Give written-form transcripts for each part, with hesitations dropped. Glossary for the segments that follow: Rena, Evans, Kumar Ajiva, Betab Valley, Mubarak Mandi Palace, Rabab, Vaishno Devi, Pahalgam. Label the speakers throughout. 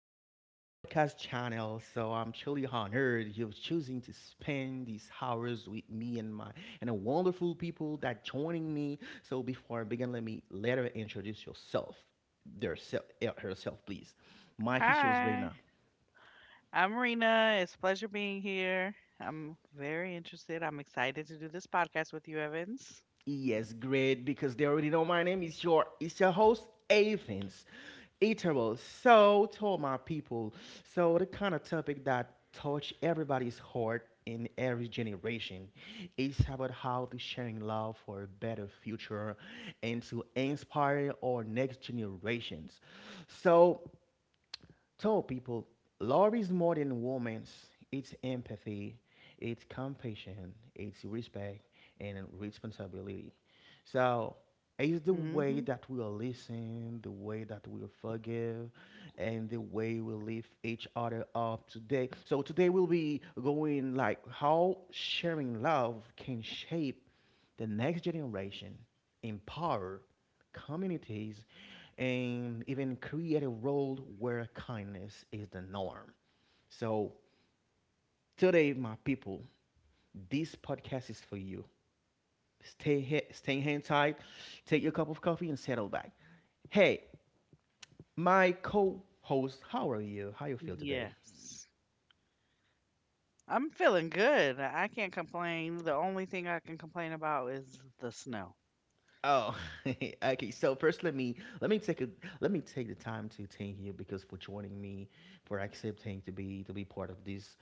Speaker 1: welcome to our podcast channel. So I'm truly honored you're choosing to spend these hours with me and my and the wonderful people that joining me. So before I begin, let me let her introduce their self, herself, please. Mike is yours right
Speaker 2: Hi,
Speaker 1: now.
Speaker 2: I'm Rena. It's a pleasure being here. I'm very interested. I'm excited to do this podcast with you, Evans.
Speaker 1: Yes, great, because they already know my name. It's your host, Athens. Eatable. So to my people. So the kind of topic that touch everybody's heart in every generation. Is about how to sharing love for a better future and to inspire our next generations. So tell people love is more than romance. It's empathy, it's compassion, it's respect, and responsibility. So it's the
Speaker 2: Hmm.
Speaker 1: way that we will listen, the way that we will forgive, and the way we lift each other up today. So today we'll be going like how sharing love can shape the next generation empower communities, and even create a world where kindness is the norm. So, today, my people, this podcast is for you. Stay hand tight, take your cup of coffee, and settle back. Hey, my co host, how are you? How you feel
Speaker 2: Yes.
Speaker 1: today?
Speaker 2: I'm feeling good. I can't complain. The only thing I can complain about is the snow.
Speaker 1: Oh, okay. So first, let me take a let me take the time to thank you because for joining me, for accepting to be part of this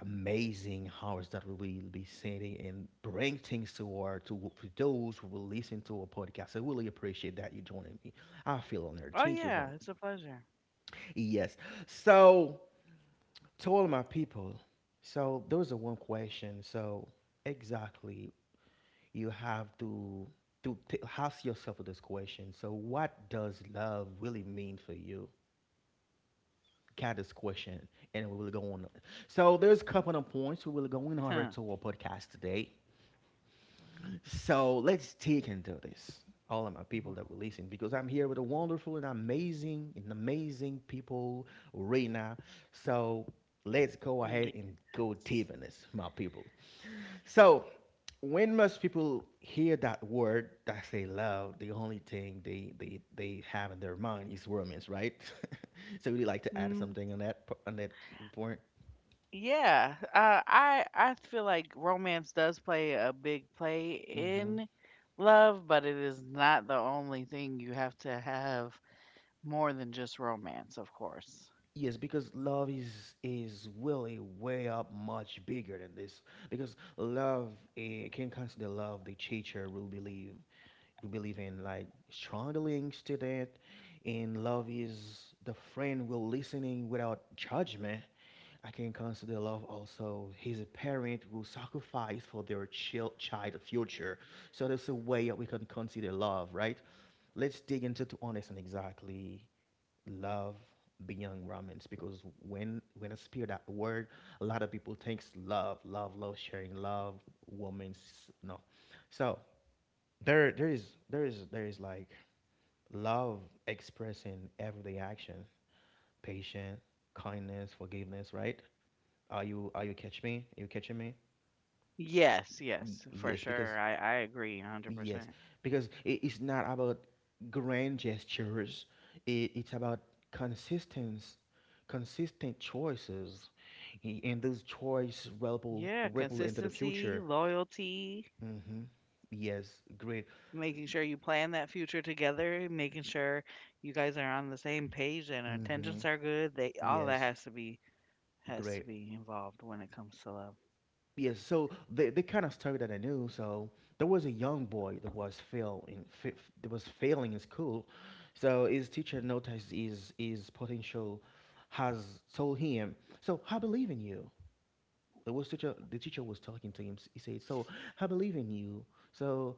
Speaker 1: amazing hours that we will be sending and bring things to those who will listen to our podcast. I really appreciate that you joining me. I feel honored.
Speaker 2: Oh,
Speaker 1: Thank you for
Speaker 2: yeah, it's a pleasure.
Speaker 1: yes. So to all my people, so there was a one question. So exactly, you have to ask yourself this question. So what does love really mean for you? Got this question, and we will go on. So there's a couple of points we will go in over
Speaker 2: Huh.
Speaker 1: to our podcast today. So let's take into this, all of my people that will listen, because I'm here with a wonderful and amazing people right now. So let's go ahead
Speaker 2: Yes.
Speaker 1: and go deep in this, my people. So when most people hear that word that say love, the only thing they have in their mind is romance, right? So would you like to add
Speaker 2: Mm,
Speaker 1: something on that point?
Speaker 2: I feel like romance does play a big play
Speaker 1: Hmm.
Speaker 2: in love, but it is not the only thing you have to have. More than just romance, of course.
Speaker 1: Yes, because love is really way up much bigger than this. Because love can consider love the teacher will believe we believe in like strongly student and love is the friend will listening without judgment. I can consider love also his parent who sacrifice for their child future. So that's a way that we can consider love, right? Let's dig into to understand exactly love beyond romance because when I speak that word, a lot of people thinks love, sharing love, woman's no. So there there is there is like love expressing everyday action, patience, kindness, forgiveness, right? Are you catch me? You catching me?
Speaker 2: Yes,
Speaker 1: Y-
Speaker 2: yes, for
Speaker 1: yes, because
Speaker 2: sure. I agree
Speaker 1: Yes,
Speaker 2: 100%.
Speaker 1: because i- it's not about grand gestures. It's about consistent, consistent choices, and those choices ripple
Speaker 2: Yeah,
Speaker 1: ripple into the
Speaker 2: consistency,
Speaker 1: future.
Speaker 2: loyalty,
Speaker 1: Hmm. Yes, great.
Speaker 2: making sure you plan that future together, making sure you guys are on the same page and our
Speaker 1: Hmm.
Speaker 2: intentions are good. They all of that
Speaker 1: Yes,
Speaker 2: has
Speaker 1: great.
Speaker 2: to be involved when it comes to love.
Speaker 1: Yes, so the kind of story that I knew. So there was a young boy that was fail in fa- that was failing in school. So his teacher noticed his potential, has told him. So I believe in you. It was teacher. The teacher was talking to him. He said, "So I believe in you." So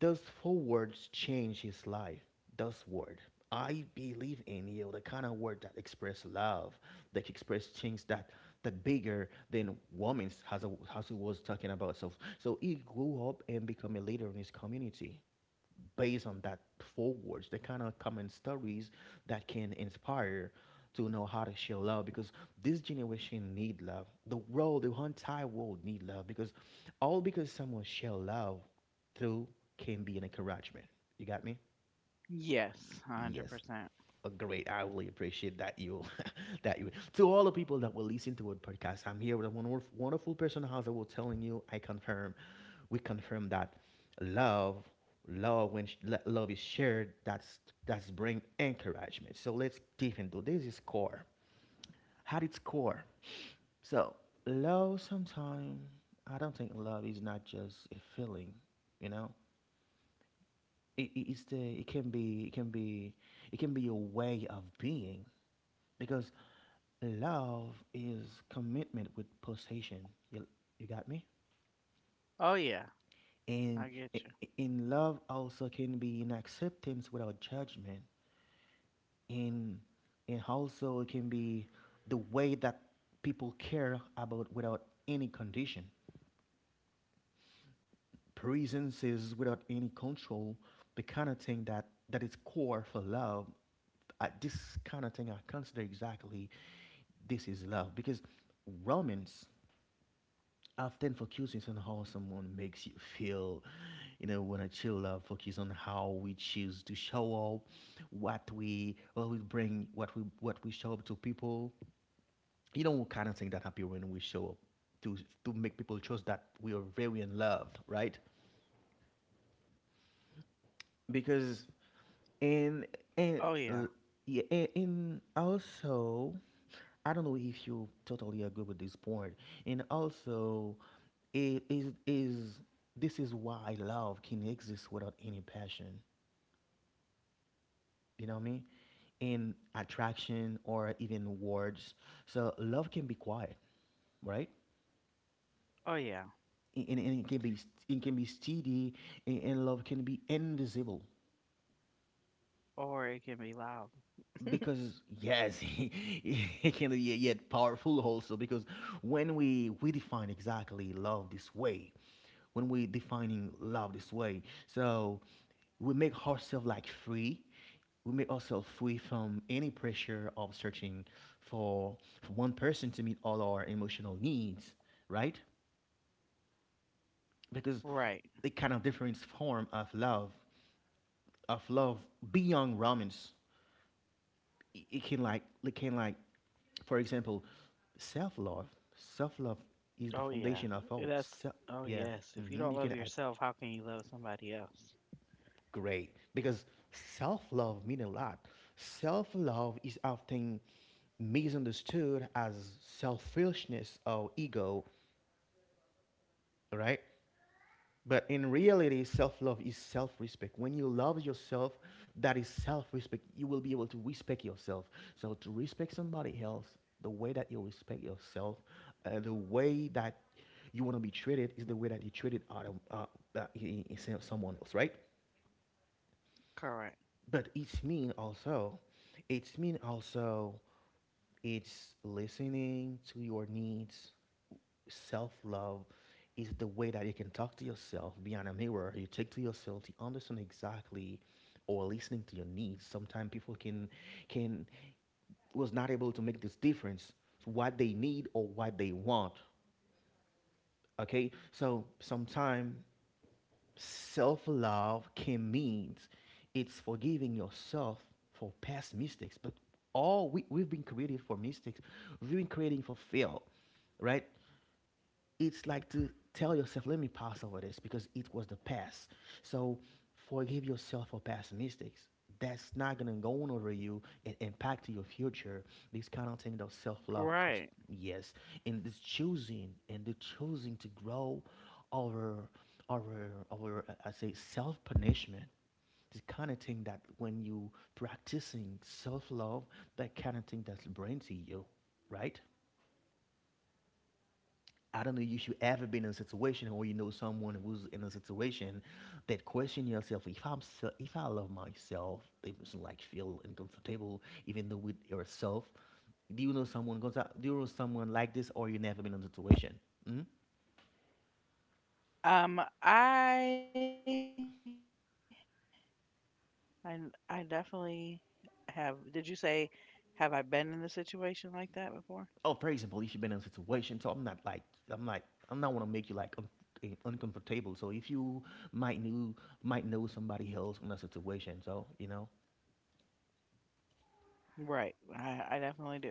Speaker 1: those four words changed his life. Those word. I believe in you. The kind of word that express love, that express things that that bigger than women's, as he was talking about. So so he grew up and become a leader in his community based on that forwards, the kind of common stories that can inspire to know how to show love because this generation need love. The world, the entire world need love because all because someone share love through can be an encouragement. You got me?
Speaker 2: Yes,
Speaker 1: Yes. Oh,
Speaker 2: 100%.
Speaker 1: great. I really appreciate that you, that you. To all the people that will listen to our podcast, I'm here with a wonderful, wonderful person. As I was telling you, I confirm, we confirm that love, love is shared, that's bring encouragement. So let's deep into at its core. So love, sometimes I don't think love is not just a feeling, you know. It can be it can be a way of being because love is commitment with possession. You, you got me?
Speaker 2: Oh yeah,
Speaker 1: And
Speaker 2: I get you.
Speaker 1: in love also can be in acceptance without judgment. In and also it can be the way that people care about without any condition. Presences without any control, the kind of thing that is core for love. This kind of thing I consider exactly this is love because romance often focusing on how someone makes you feel, you know, when to chill out focus on how we choose to show up, what we bring what we show up to people, you know, what kind of thing that happen when we show up to to make people trust that we are very in love, right? Because
Speaker 2: Oh
Speaker 1: and
Speaker 2: yeah.
Speaker 1: and uh, yeah, and also I don't know if you totally agree with this point. And also it is this is why love can exist without any passion, you know what I mean, in attraction or even words. So love can be quiet, right?
Speaker 2: Oh yeah.
Speaker 1: And it can be it can be steady, and love can be invisible
Speaker 2: Or it can be loud.
Speaker 1: because yes, it can be yet powerful also because when we define exactly love this way, when we defining love this way. So we make ourselves like free, we make ourselves free from any pressure of searching for, for one person to meet all our emotional needs, right? Because
Speaker 2: Right.
Speaker 1: the kind of different form of love beyond romance, it can like, for example, self love. Self love is the
Speaker 2: Oh
Speaker 1: foundation of
Speaker 2: yeah.
Speaker 1: all self.
Speaker 2: That's
Speaker 1: Yeah.
Speaker 2: oh yes.
Speaker 1: Hmm.
Speaker 2: If you
Speaker 1: You can
Speaker 2: don't
Speaker 1: add.
Speaker 2: love yourself, how can you love somebody else?
Speaker 1: Great, because self love mean a lot. Self love is often misunderstood as selfishness or ego, right? But in reality, self love is self respect. When you love yourself, that is self respect. You will be able to respect yourself. So, to respect somebody else, the way that you respect yourself, the way that you want to be treated is the way that you treated other, uh, someone else, right?
Speaker 2: Correct.
Speaker 1: But it's mean also it's listening to your needs. Self-love is the way that you can talk to yourself behind a mirror you take to yourself to understand exactly or listening to your needs. Sometimes people can was not able to make this difference to what they need or what they want. Okay, so sometimes self love can mean it's forgiving yourself for past mistakes, but all we've been created for mistakes, we've been creating for fail, right? It's like to tell yourself, let me pass over this because it was the past. So forgive yourself for past mistakes. That's not gonna go on over you and impact your future. This kind of thing, those self love of
Speaker 2: Right.
Speaker 1: yes, and this choosing and the choosing to grow over over I say self punishment. This kind of thing that when you practicing self love, that kind of thing that's brain to you, right? I don't know if you ever been in a situation or you know someone who's in a situation that question yourself, if I love myself, they just like feel uncomfortable even though with yourself. Do you know someone goes out? Do you know someone like this or you never been in a situation? Mm.
Speaker 2: Um I I I definitely have did you say have I been in a situation like that before?
Speaker 1: Oh, for example, if you've been in a situation, so I'm like I'm not want to make you like uncomfortable. So if you might know might know somebody else in a situation, so you know.
Speaker 2: Right. I definitely do.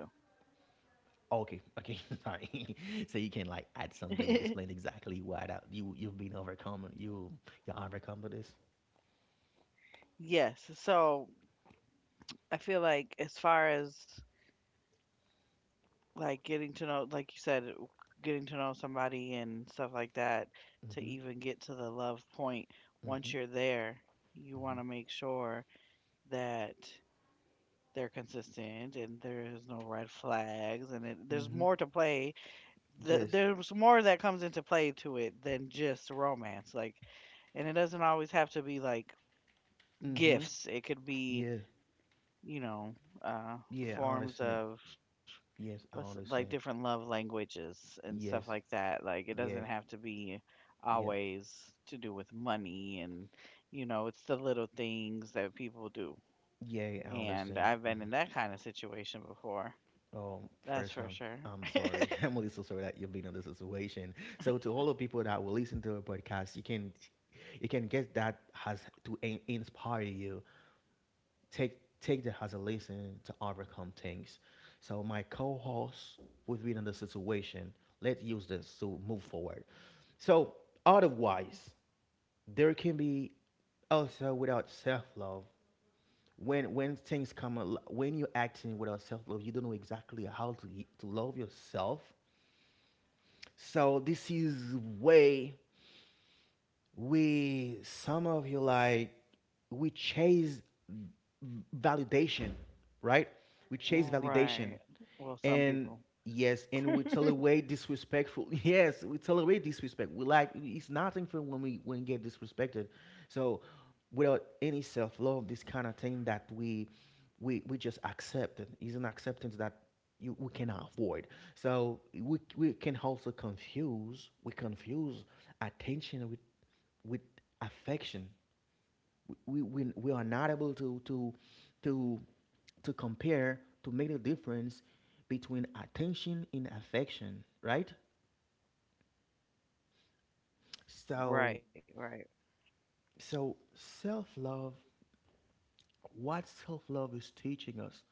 Speaker 1: Oh, okay, okay, sorry. So you can like add something, explain exactly why that you you've been overcome. You're overcome with this.
Speaker 2: Yes. So, I feel like as far as, like, getting to know, like you said, w getting to know somebody and stuff like that, to
Speaker 1: Mhm,
Speaker 2: even get to the love point. Once
Speaker 1: mhm,
Speaker 2: you're there, you
Speaker 1: mhm,
Speaker 2: wanna make sure that they're consistent and there's no red flags and it there's
Speaker 1: mhm.
Speaker 2: more to play.
Speaker 1: Yes.
Speaker 2: There's more that comes into play to it than just romance, like, and it doesn't always have to be, like,
Speaker 1: Mhm.
Speaker 2: gifts. It could be,
Speaker 1: Yeah.
Speaker 2: you know, uh,
Speaker 1: Yeah, I
Speaker 2: forms
Speaker 1: understand it.
Speaker 2: of, what's
Speaker 1: Yes, I
Speaker 2: like, different
Speaker 1: understand.
Speaker 2: love languages and stuff like
Speaker 1: Yes.
Speaker 2: that. Like it doesn't
Speaker 1: Yeah.
Speaker 2: have to be
Speaker 1: Yeah.
Speaker 2: always to do with money and, you know, it's the little things that people do.
Speaker 1: Yeah, I
Speaker 2: And
Speaker 1: understand.
Speaker 2: I've been
Speaker 1: Mhm.
Speaker 2: in that kind of situation before. That's
Speaker 1: First,
Speaker 2: for
Speaker 1: I'm
Speaker 2: sure.
Speaker 1: I'm sorry. I'm really so sorry that you've been in this situation. So to all the people that will listen to the podcast, you can get that has to inspire you, take that as a lesson to overcome things. So my co-host with in the situation, let's use this to move forward. So otherwise, there can be also without self-love. When things come, when you're acting without self-love, you don't know exactly how to love yourself. So this is way we some of you like we chase validation, right? We chase validation,
Speaker 2: Right. Well, some
Speaker 1: and
Speaker 2: people.
Speaker 1: yes, and we tolerate disrespectful. Yes, we tolerate disrespect. We like it's nothing for when we get disrespected. So without any self love, this kind of thing that we just accept it is an acceptance that we cannot avoid. So we can also confuse we confuse attention with affection. We are not able to, to compare, to make a difference between attention and affection, right? So,
Speaker 2: Right, right.
Speaker 1: so self love, what self love is teaching us?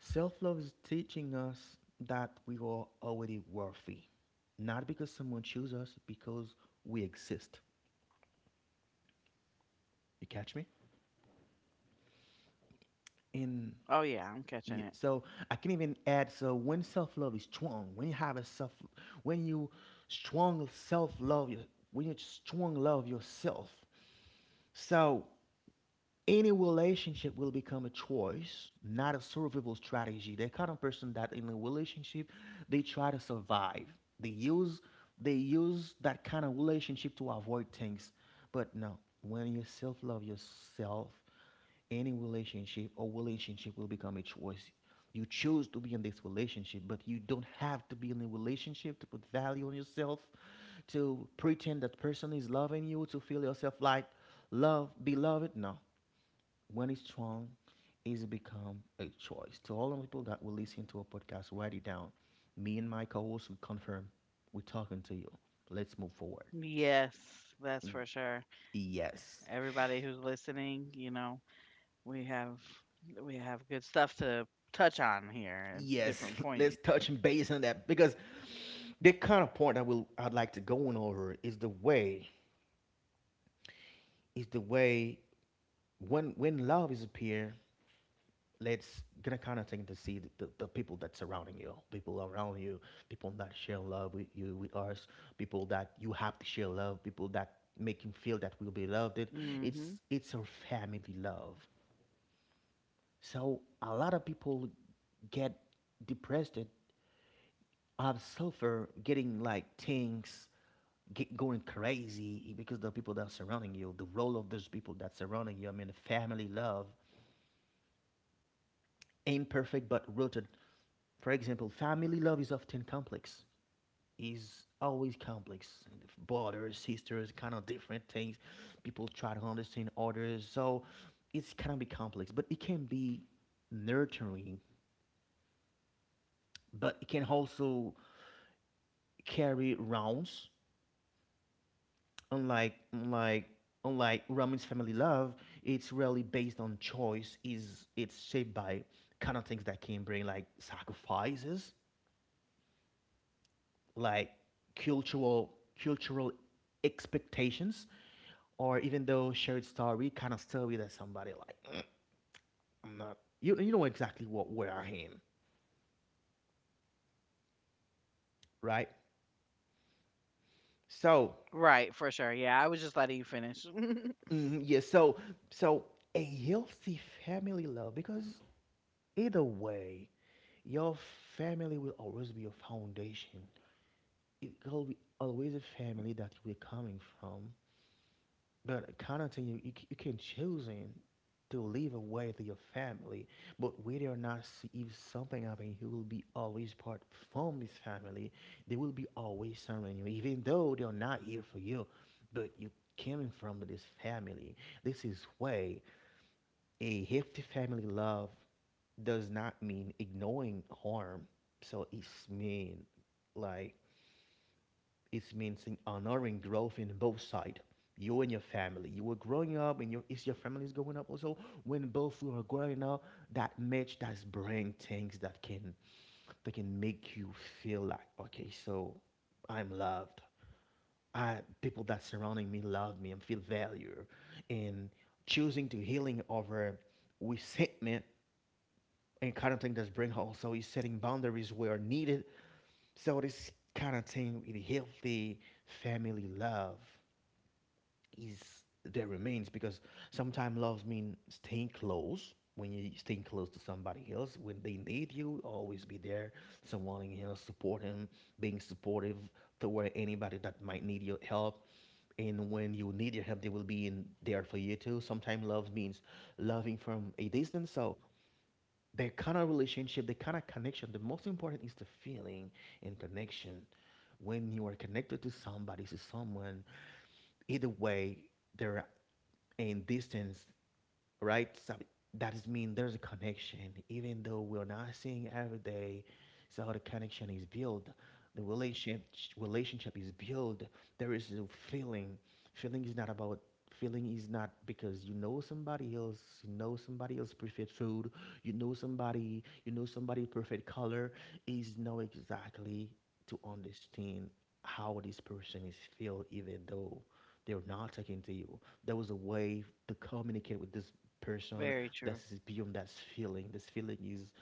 Speaker 1: Self love is teaching us that we are already worthy, not because someone chose us, because we exist. You catch me?
Speaker 2: Oh yeah,
Speaker 1: And
Speaker 2: I'm catching it.
Speaker 1: Yeah, so I can even add. So when self love is strong, when you have a self, when you strong self love, when you strong love yourself, so any relationship will become a choice, not a survival strategy. The kind of person that in a relationship they try to survive. They use they use that kind of relationship to avoid things. But no, when you self love yourself, any relationship or relationship will become a choice. You choose to be in this relationship, but you don't have to be in a relationship to put value on yourself, to pretend that person is loving you, to feel yourself like love, beloved. No, when it's strong, it's become a choice. To all the people that will listen to a podcast, write it down. Me and my co-host will confirm we're talking to you. Let's move forward.
Speaker 2: Yes, that's for sure.
Speaker 1: Yes.
Speaker 2: Everybody who's listening, you know, we have we have good stuff to touch on here and
Speaker 1: Yes.
Speaker 2: different
Speaker 1: Let's
Speaker 2: pointing.
Speaker 1: touch base on that because the kind of point I will I'd like to go on over is the way is the way when love is appear, let's get a kind of thing to see the people that surrounding you, people around you, people that share love with you with us, people that you have to share love, people that make you feel that we'll be loved it,
Speaker 2: Mhm.
Speaker 1: it's a family love. So a lot of people get depressed. I have suffered getting like things get going crazy because the people that are surrounding you, the role of those people that surrounding you, I mean the family love, imperfect but rooted. For example, family love is often complex. Is always complex. Brothers, sisters, kind of different things. People try to understand others, so it's kind of be complex. But it can be nurturing, but it can also carry rounds. Unlike unlike unlike Roman's family love, it's really based on choice. Is it's shaped by kind of things that can bring like sacrifices, like cultural cultural expectations or even though shared story, kind of story that somebody like, "Mm, I'm not. You you know exactly what where I am, right?"
Speaker 2: Right, for
Speaker 1: So
Speaker 2: sure. Yeah, I was just letting you finish.
Speaker 1: mhm, yeah, so a healthy family love, because either way your family will always be your foundation. It will be always a family that you are coming from. But accounting, you can choosing to live away to your family, but whether or not if something happen, you will be always part from this family. They will be always serving you, even though they're not here for you. But you coming from this family. This is why a healthy family love does not mean ignoring harm. So it's mean like it means in honoring growth in both side. You and your family. You were growing up, and your family is growing up also. When both you are growing up, that match does bring things that can make you feel like okay, so I'm loved. I people that surrounding me love me and feel value, and choosing to healing over resentment, and kind of thing that's bring also is setting boundaries where needed. So this kind of thing with healthy family love is there remains, because sometimes love means staying close. When you stay close to somebody else, when they need you, always be there, someone else support him, being supportive toward anybody that might need your help, and when you need your help they will be in there for you too. Sometimes love means loving from a distance. So that kind of relationship, that kind of connection, the most important is the feeling and connection. When you are connected to somebody, to someone, either way, there and distance, right? So that is mean there's a connection, even though we're not seeing every day. So the connection is built, the relationship relationship is built. There is a feeling. Feeling is not about feeling is not because you know somebody else, you know somebody else preferred food, you know somebody preferred color. Is know exactly to understand how this person is feel, even though they're not talking to you, there was a way to communicate with this person
Speaker 2: Very
Speaker 1: that
Speaker 2: true.
Speaker 1: is beyond that feeling. This feeling is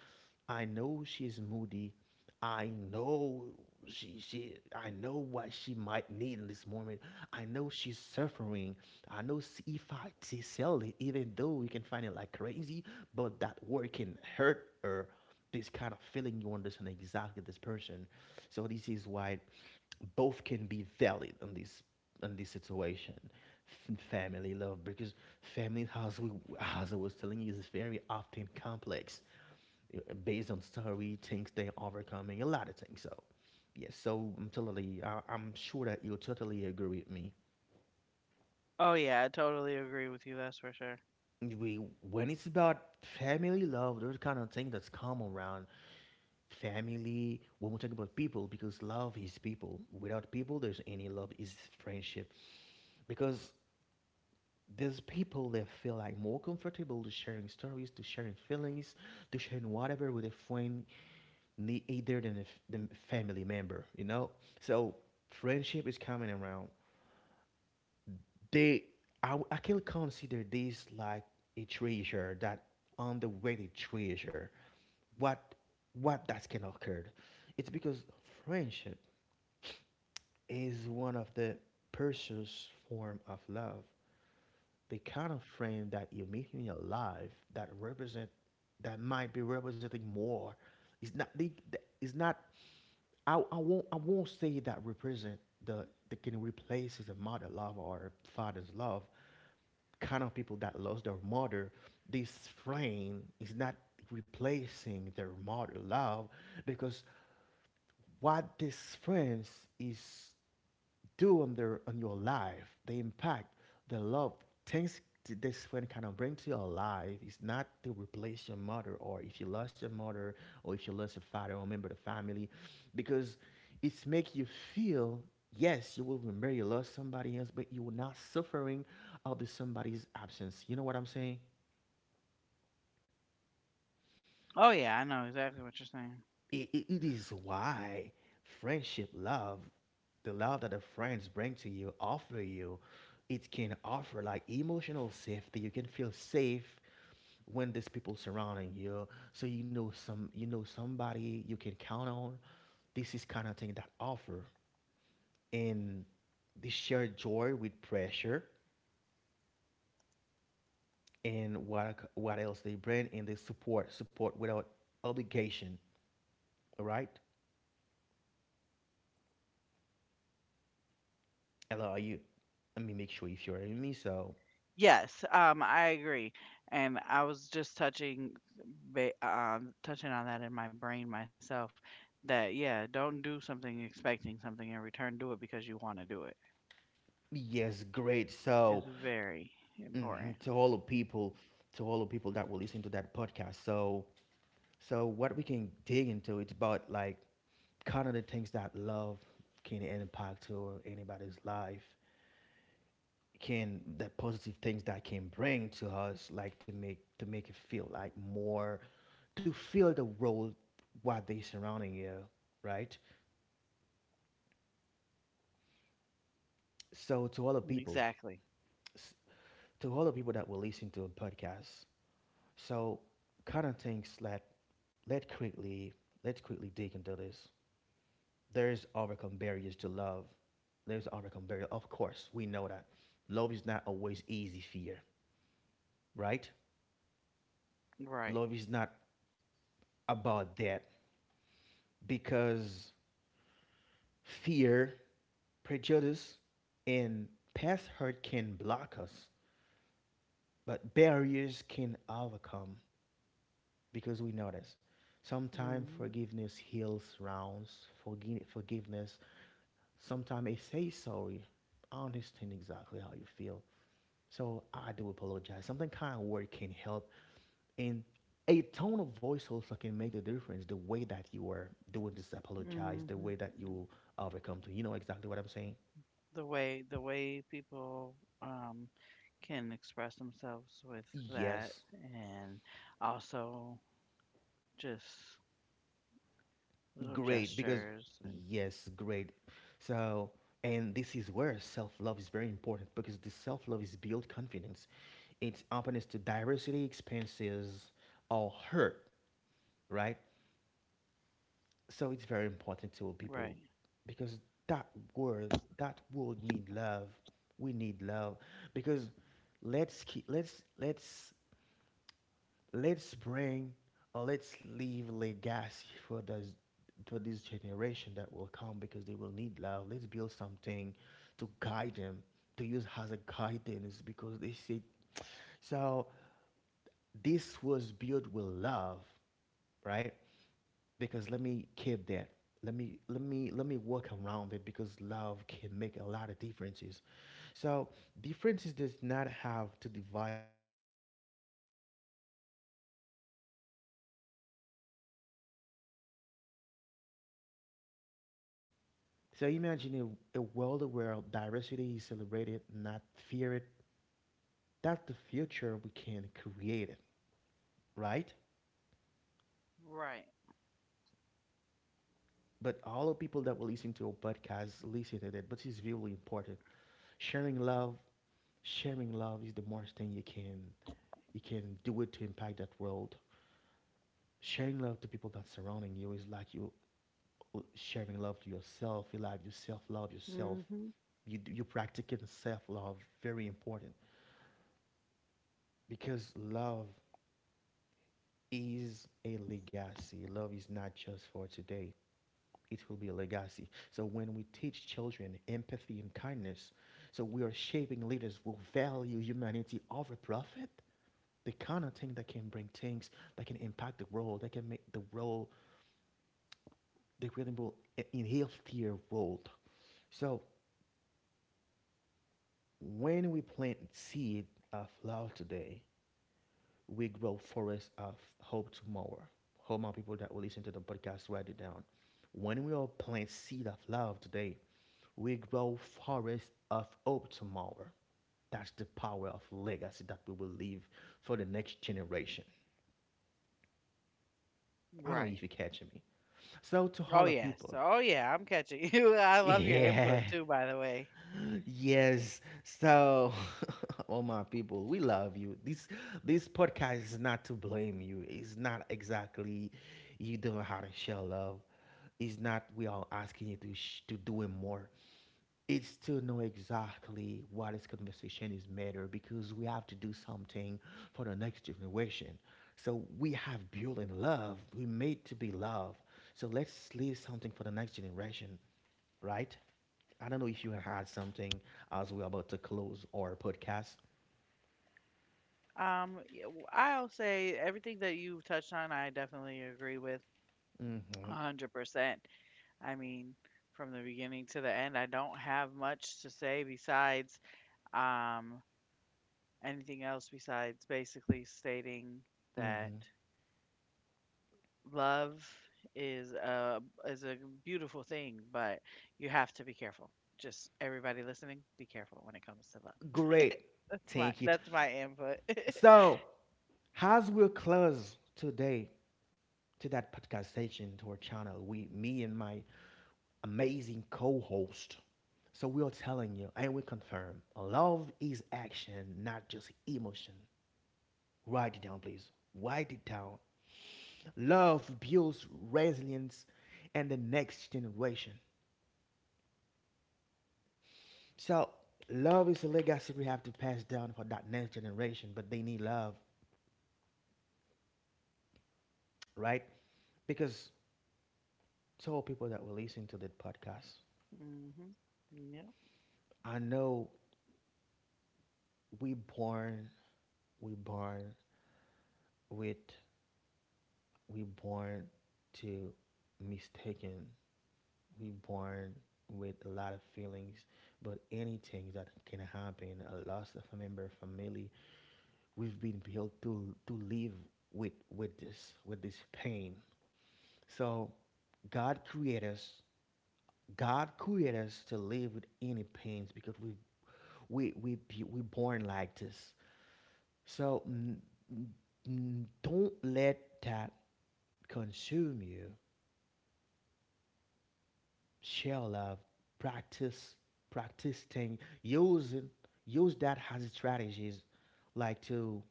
Speaker 1: I know she is moody. I know she, I know what she might need in this moment. I know she's suffering. I know if sell it, even though we can find it like crazy, but that word can hurt her. This kind of feeling, you understand exactly this person. So this is why both can be valid in this situation. Family love, because family, as we, as I was telling you, is very often complex, based on story, things they're overcoming a lot of things. So yes, so I'm totally I'm sure that you totally agree with me.
Speaker 2: Oh yeah, I totally agree with you. That's for sure.
Speaker 1: We when it's about family love, there's kind of thing that's come around family. When we talk about people, because love is people, without people there's any love, is friendship. Because there's people that feel like more comfortable to sharing stories, to sharing feelings, to sharing whatever with a friend, either than a than family member, you know. So friendship is coming around. They, I can consider this like a treasure, that underrated treasure. What, what that's can occur? It's because friendship is one of the precious form of love. The kind of friend that you are meet in your life that represent, that might be representing more, it's not the, it's not I won't say that represent the that can replace his mother love or father's love. Kind of people that lost their mother, this friend is not replacing their mother love, because what this friends is do on their on your life, the impact, the love, things this friend kind of bring to your life is not to replace your mother, or if you lost your mother, or if you lost your father or member of the family, because it's make you feel, yes you will remember you lost somebody else, but you were not suffering of the somebody's absence. You know what I'm saying?
Speaker 2: Oh yeah, I know exactly what you're saying.
Speaker 1: It is why friendship love, the love that the friends bring to you, offer you, it can offer like emotional safety. You can feel safe when there's people surrounding you. So you know some you know somebody you can count on. This is kind of thing that offer. And they share joy with pressure, and what else they bring, and they support without obligation, all right, allow you, let me make sure if you're in me. So
Speaker 2: Yes, I agree, and I was just touching, touching on that in my brain myself. That, yeah, don't do something expecting something in return. Do it because you want to do it.
Speaker 1: yes, great.
Speaker 2: It's
Speaker 1: So,
Speaker 2: very important.
Speaker 1: mhm, to all the people, to all the people that will listen to that podcast. So, so what we can dig into, it's about like kind of the things that love can impact to anybody's life, can the positive things that can bring to us, like to make it feel like more, to feel the role what they surrounding you, right? So, to all the
Speaker 2: Exactly.
Speaker 1: people, s- to all the people that will listen to a podcast, so, kind of things that let quickly let's quickly dig into this. There's overcome barriers to love. There's overcome barrier. Of course, we know that love is not always easy. Fear, right?
Speaker 2: Right.
Speaker 1: Love is not about that, because fear, prejudice, and past hurt can block us, but barriers can overcome because we know this. Sometimes
Speaker 2: Mhm.
Speaker 1: forgiveness heals rounds. Forgiveness. Sometimes they say sorry. I understand exactly how you feel. So I do apologize. Something kind of word can help. And a tone of voice also can make the difference. The way that you are doing this apologize, the
Speaker 2: Mhm.
Speaker 1: way that you overcome to. You know exactly what I'm saying?
Speaker 2: The way the way people, um, can express themselves with that,
Speaker 1: Yes,
Speaker 2: and also just little
Speaker 1: great. Because
Speaker 2: gestures and
Speaker 1: yes, great. So and this is where self-love is very important, because the self-love is build confidence. It's openness to diversity, expenses, or hurt, right? So it's very important to
Speaker 2: right,
Speaker 1: people because that world, that world need love, we need love because let's keep let's let's let's bring, or let's leave legacy for those, for this generation that will come because they will need love. Let's build something to guide them, to use as a guidance because they see, so this was built with love, right? Because let me keep that let me let me let me work around it because love can make a lot of differences. So differences does not have to divide us. It does not have to divide us. So they can be an opportunities to expand love. So imagine a world where diversity is celebrated, not feared. That's the future we can create it, right?
Speaker 2: right,
Speaker 1: But all the people that will listen to our podcast, listen to that, but it's really important, sharing love. Sharing love is the most thing you can, you can do it to impact that world. Sharing love to people that surrounding you is like you, sharing love to yourself. You like yourself, love yourself.
Speaker 2: mm hmm
Speaker 1: You practicing self love, very important, because love is a legacy. Love is not just for today. It will be a legacy. So when we teach children empathy and kindness, so we are shaping leaders who value humanity over profit, the kind of thing that can bring things that can impact the world, that can make the world, the creating world, a healthier world. So when we plant seed of love today, we grow forests of hope tomorrow. Hope my people that will listen to the podcast, write it down. When we all plant seed of love today, we grow forests of hope tomorrow. That's the power of legacy that we will leave for the next generation. I don't know
Speaker 2: right.
Speaker 1: if you're catching me. So to
Speaker 2: Oh
Speaker 1: all the
Speaker 2: yes,
Speaker 1: people,
Speaker 2: oh yeah, I'm catching you. I love your
Speaker 1: yeah.
Speaker 2: input too, by the way.
Speaker 1: Yes. So, oh my people, we love you. This podcast is not to blame you. It's not exactly you don't know how to show love. It's not we are asking you to to do it more. It's to know exactly what this conversation is matter because we have to do something for the next generation. So we have built in love. We made to be love. So let's leave something for the next generation, right? I don't know if you had something as we're about to close our podcast.
Speaker 2: I'll say everything that you've touched on, I definitely agree with
Speaker 1: Mm-hmm.
Speaker 2: a 100%. I mean, from the beginning to the end, I don't have much to say besides, um, anything else besides basically stating that
Speaker 1: Mm-hmm.
Speaker 2: love is a is a beautiful thing, but you have to be careful. Just everybody listening, be careful when it comes to love.
Speaker 1: Great. Thank you.
Speaker 2: That's my input.
Speaker 1: So, as we close today to that podcast station to our channel, we, me and my amazing co-host, so we are telling you and we confirm, love is action, not just emotion. Write it down, please. Write it down. Love builds resilience and the next generation. So love is a legacy we have to pass down for that next generation, but they need love, right? Because so people that will listen to that
Speaker 2: Hmm.
Speaker 1: podcast,
Speaker 2: Yeah.
Speaker 1: I know we born, we born with, we born to mistaken, we born with a lot of feelings, but anything that can happen, a loss of a member, family, we've been built to live with this pain. So God created us. God created us to live with any pains because we we born like this. So don't let that consume you. Share love. Practice practice thing. Using use that as strategies, like to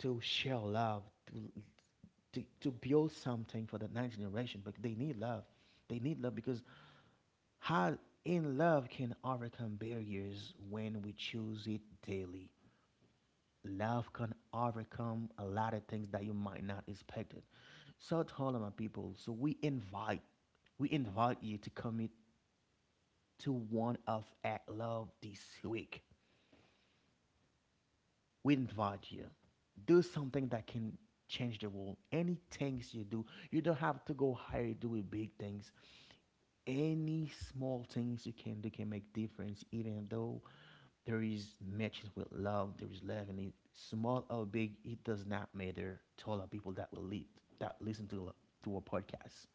Speaker 1: share love. To, to build something for the next generation, but they need love. They need love because how in love can overcome barriers when we choose it daily. Love can overcome a lot of things that you might not expect. So tell my people, so we invite you to commit to one of Act Love this week. We invite you do something that can change the world. Any things you do, you don't have to go higher doing big things. Any small things you can do can make difference, even though there is matches with love, there is love, and it small or big, it does not matter. To all the people that will lead, that listen to a podcast,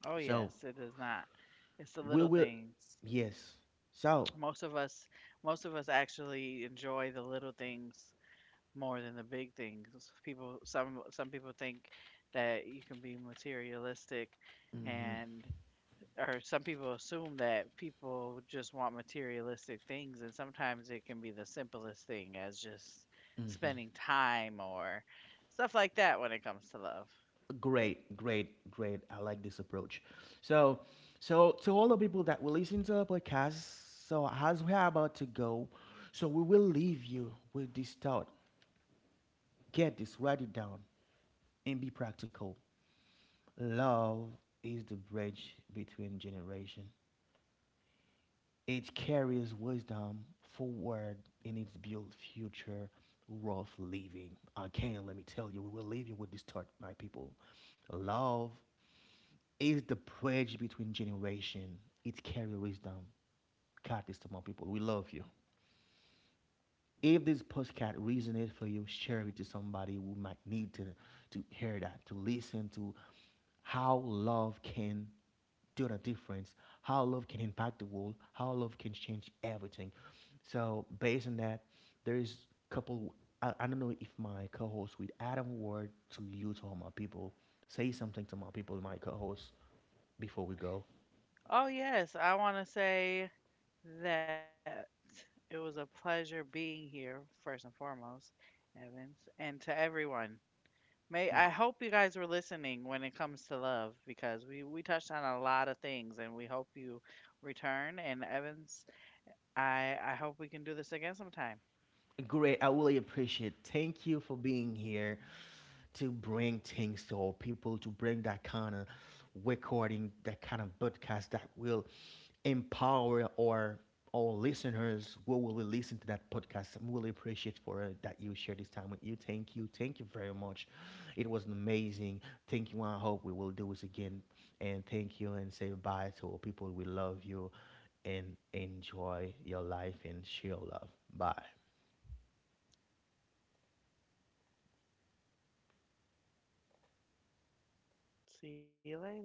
Speaker 2: Oh
Speaker 1: so
Speaker 2: yes, it does not. It's the
Speaker 1: we
Speaker 2: little
Speaker 1: will,
Speaker 2: things.
Speaker 1: yes, so
Speaker 2: Most of us, most of us actually enjoy the little things more than the big things. People, some people think that you can be materialistic, and or some people assume that people just want materialistic things, and sometimes it can be the simplest thing as just spending time or stuff like that when it comes to love.
Speaker 1: great, great, great. I like this approach. So, so to all the people that will listen to our podcast, so as we are about to go, so we will leave you with this thought. Get this, write it down, and be practical. Love is the bridge between generation. It carries wisdom forward and it's built future worth living. Again, let me tell you, we will leave you with this thought, my people. Love is the bridge between generation. It carries wisdom. God is to more people. We love you. If this postcard resonates for you, share it to somebody who might need to hear that, to listen to how love can do the difference, how love can impact the world, how love can change everything. So based on that, there is a couple. I don't know if my co-host with Adam word to you to all my people. Say something to my people, my co-host, before we go.
Speaker 2: Oh yes, I want to say that it was a pleasure being here first and foremost, Evans, and to everyone. May I hope you guys were listening when it comes to love because we touched on a lot of things and we hope you return. And Evans, I hope we can do this again sometime.
Speaker 1: Great. I really appreciate. Thank you for being here to bring things to our people, to bring that kind of recording, that kind of podcast that will empower our listeners who will listen to that podcast. I'm really appreciate for that you share this time with you. Thank you. Thank you very much. It was amazing. Thank you. I hope we will do this again. And thank you and say bye to our people. We love you and enjoy your life and share love. Bye.
Speaker 2: See you later.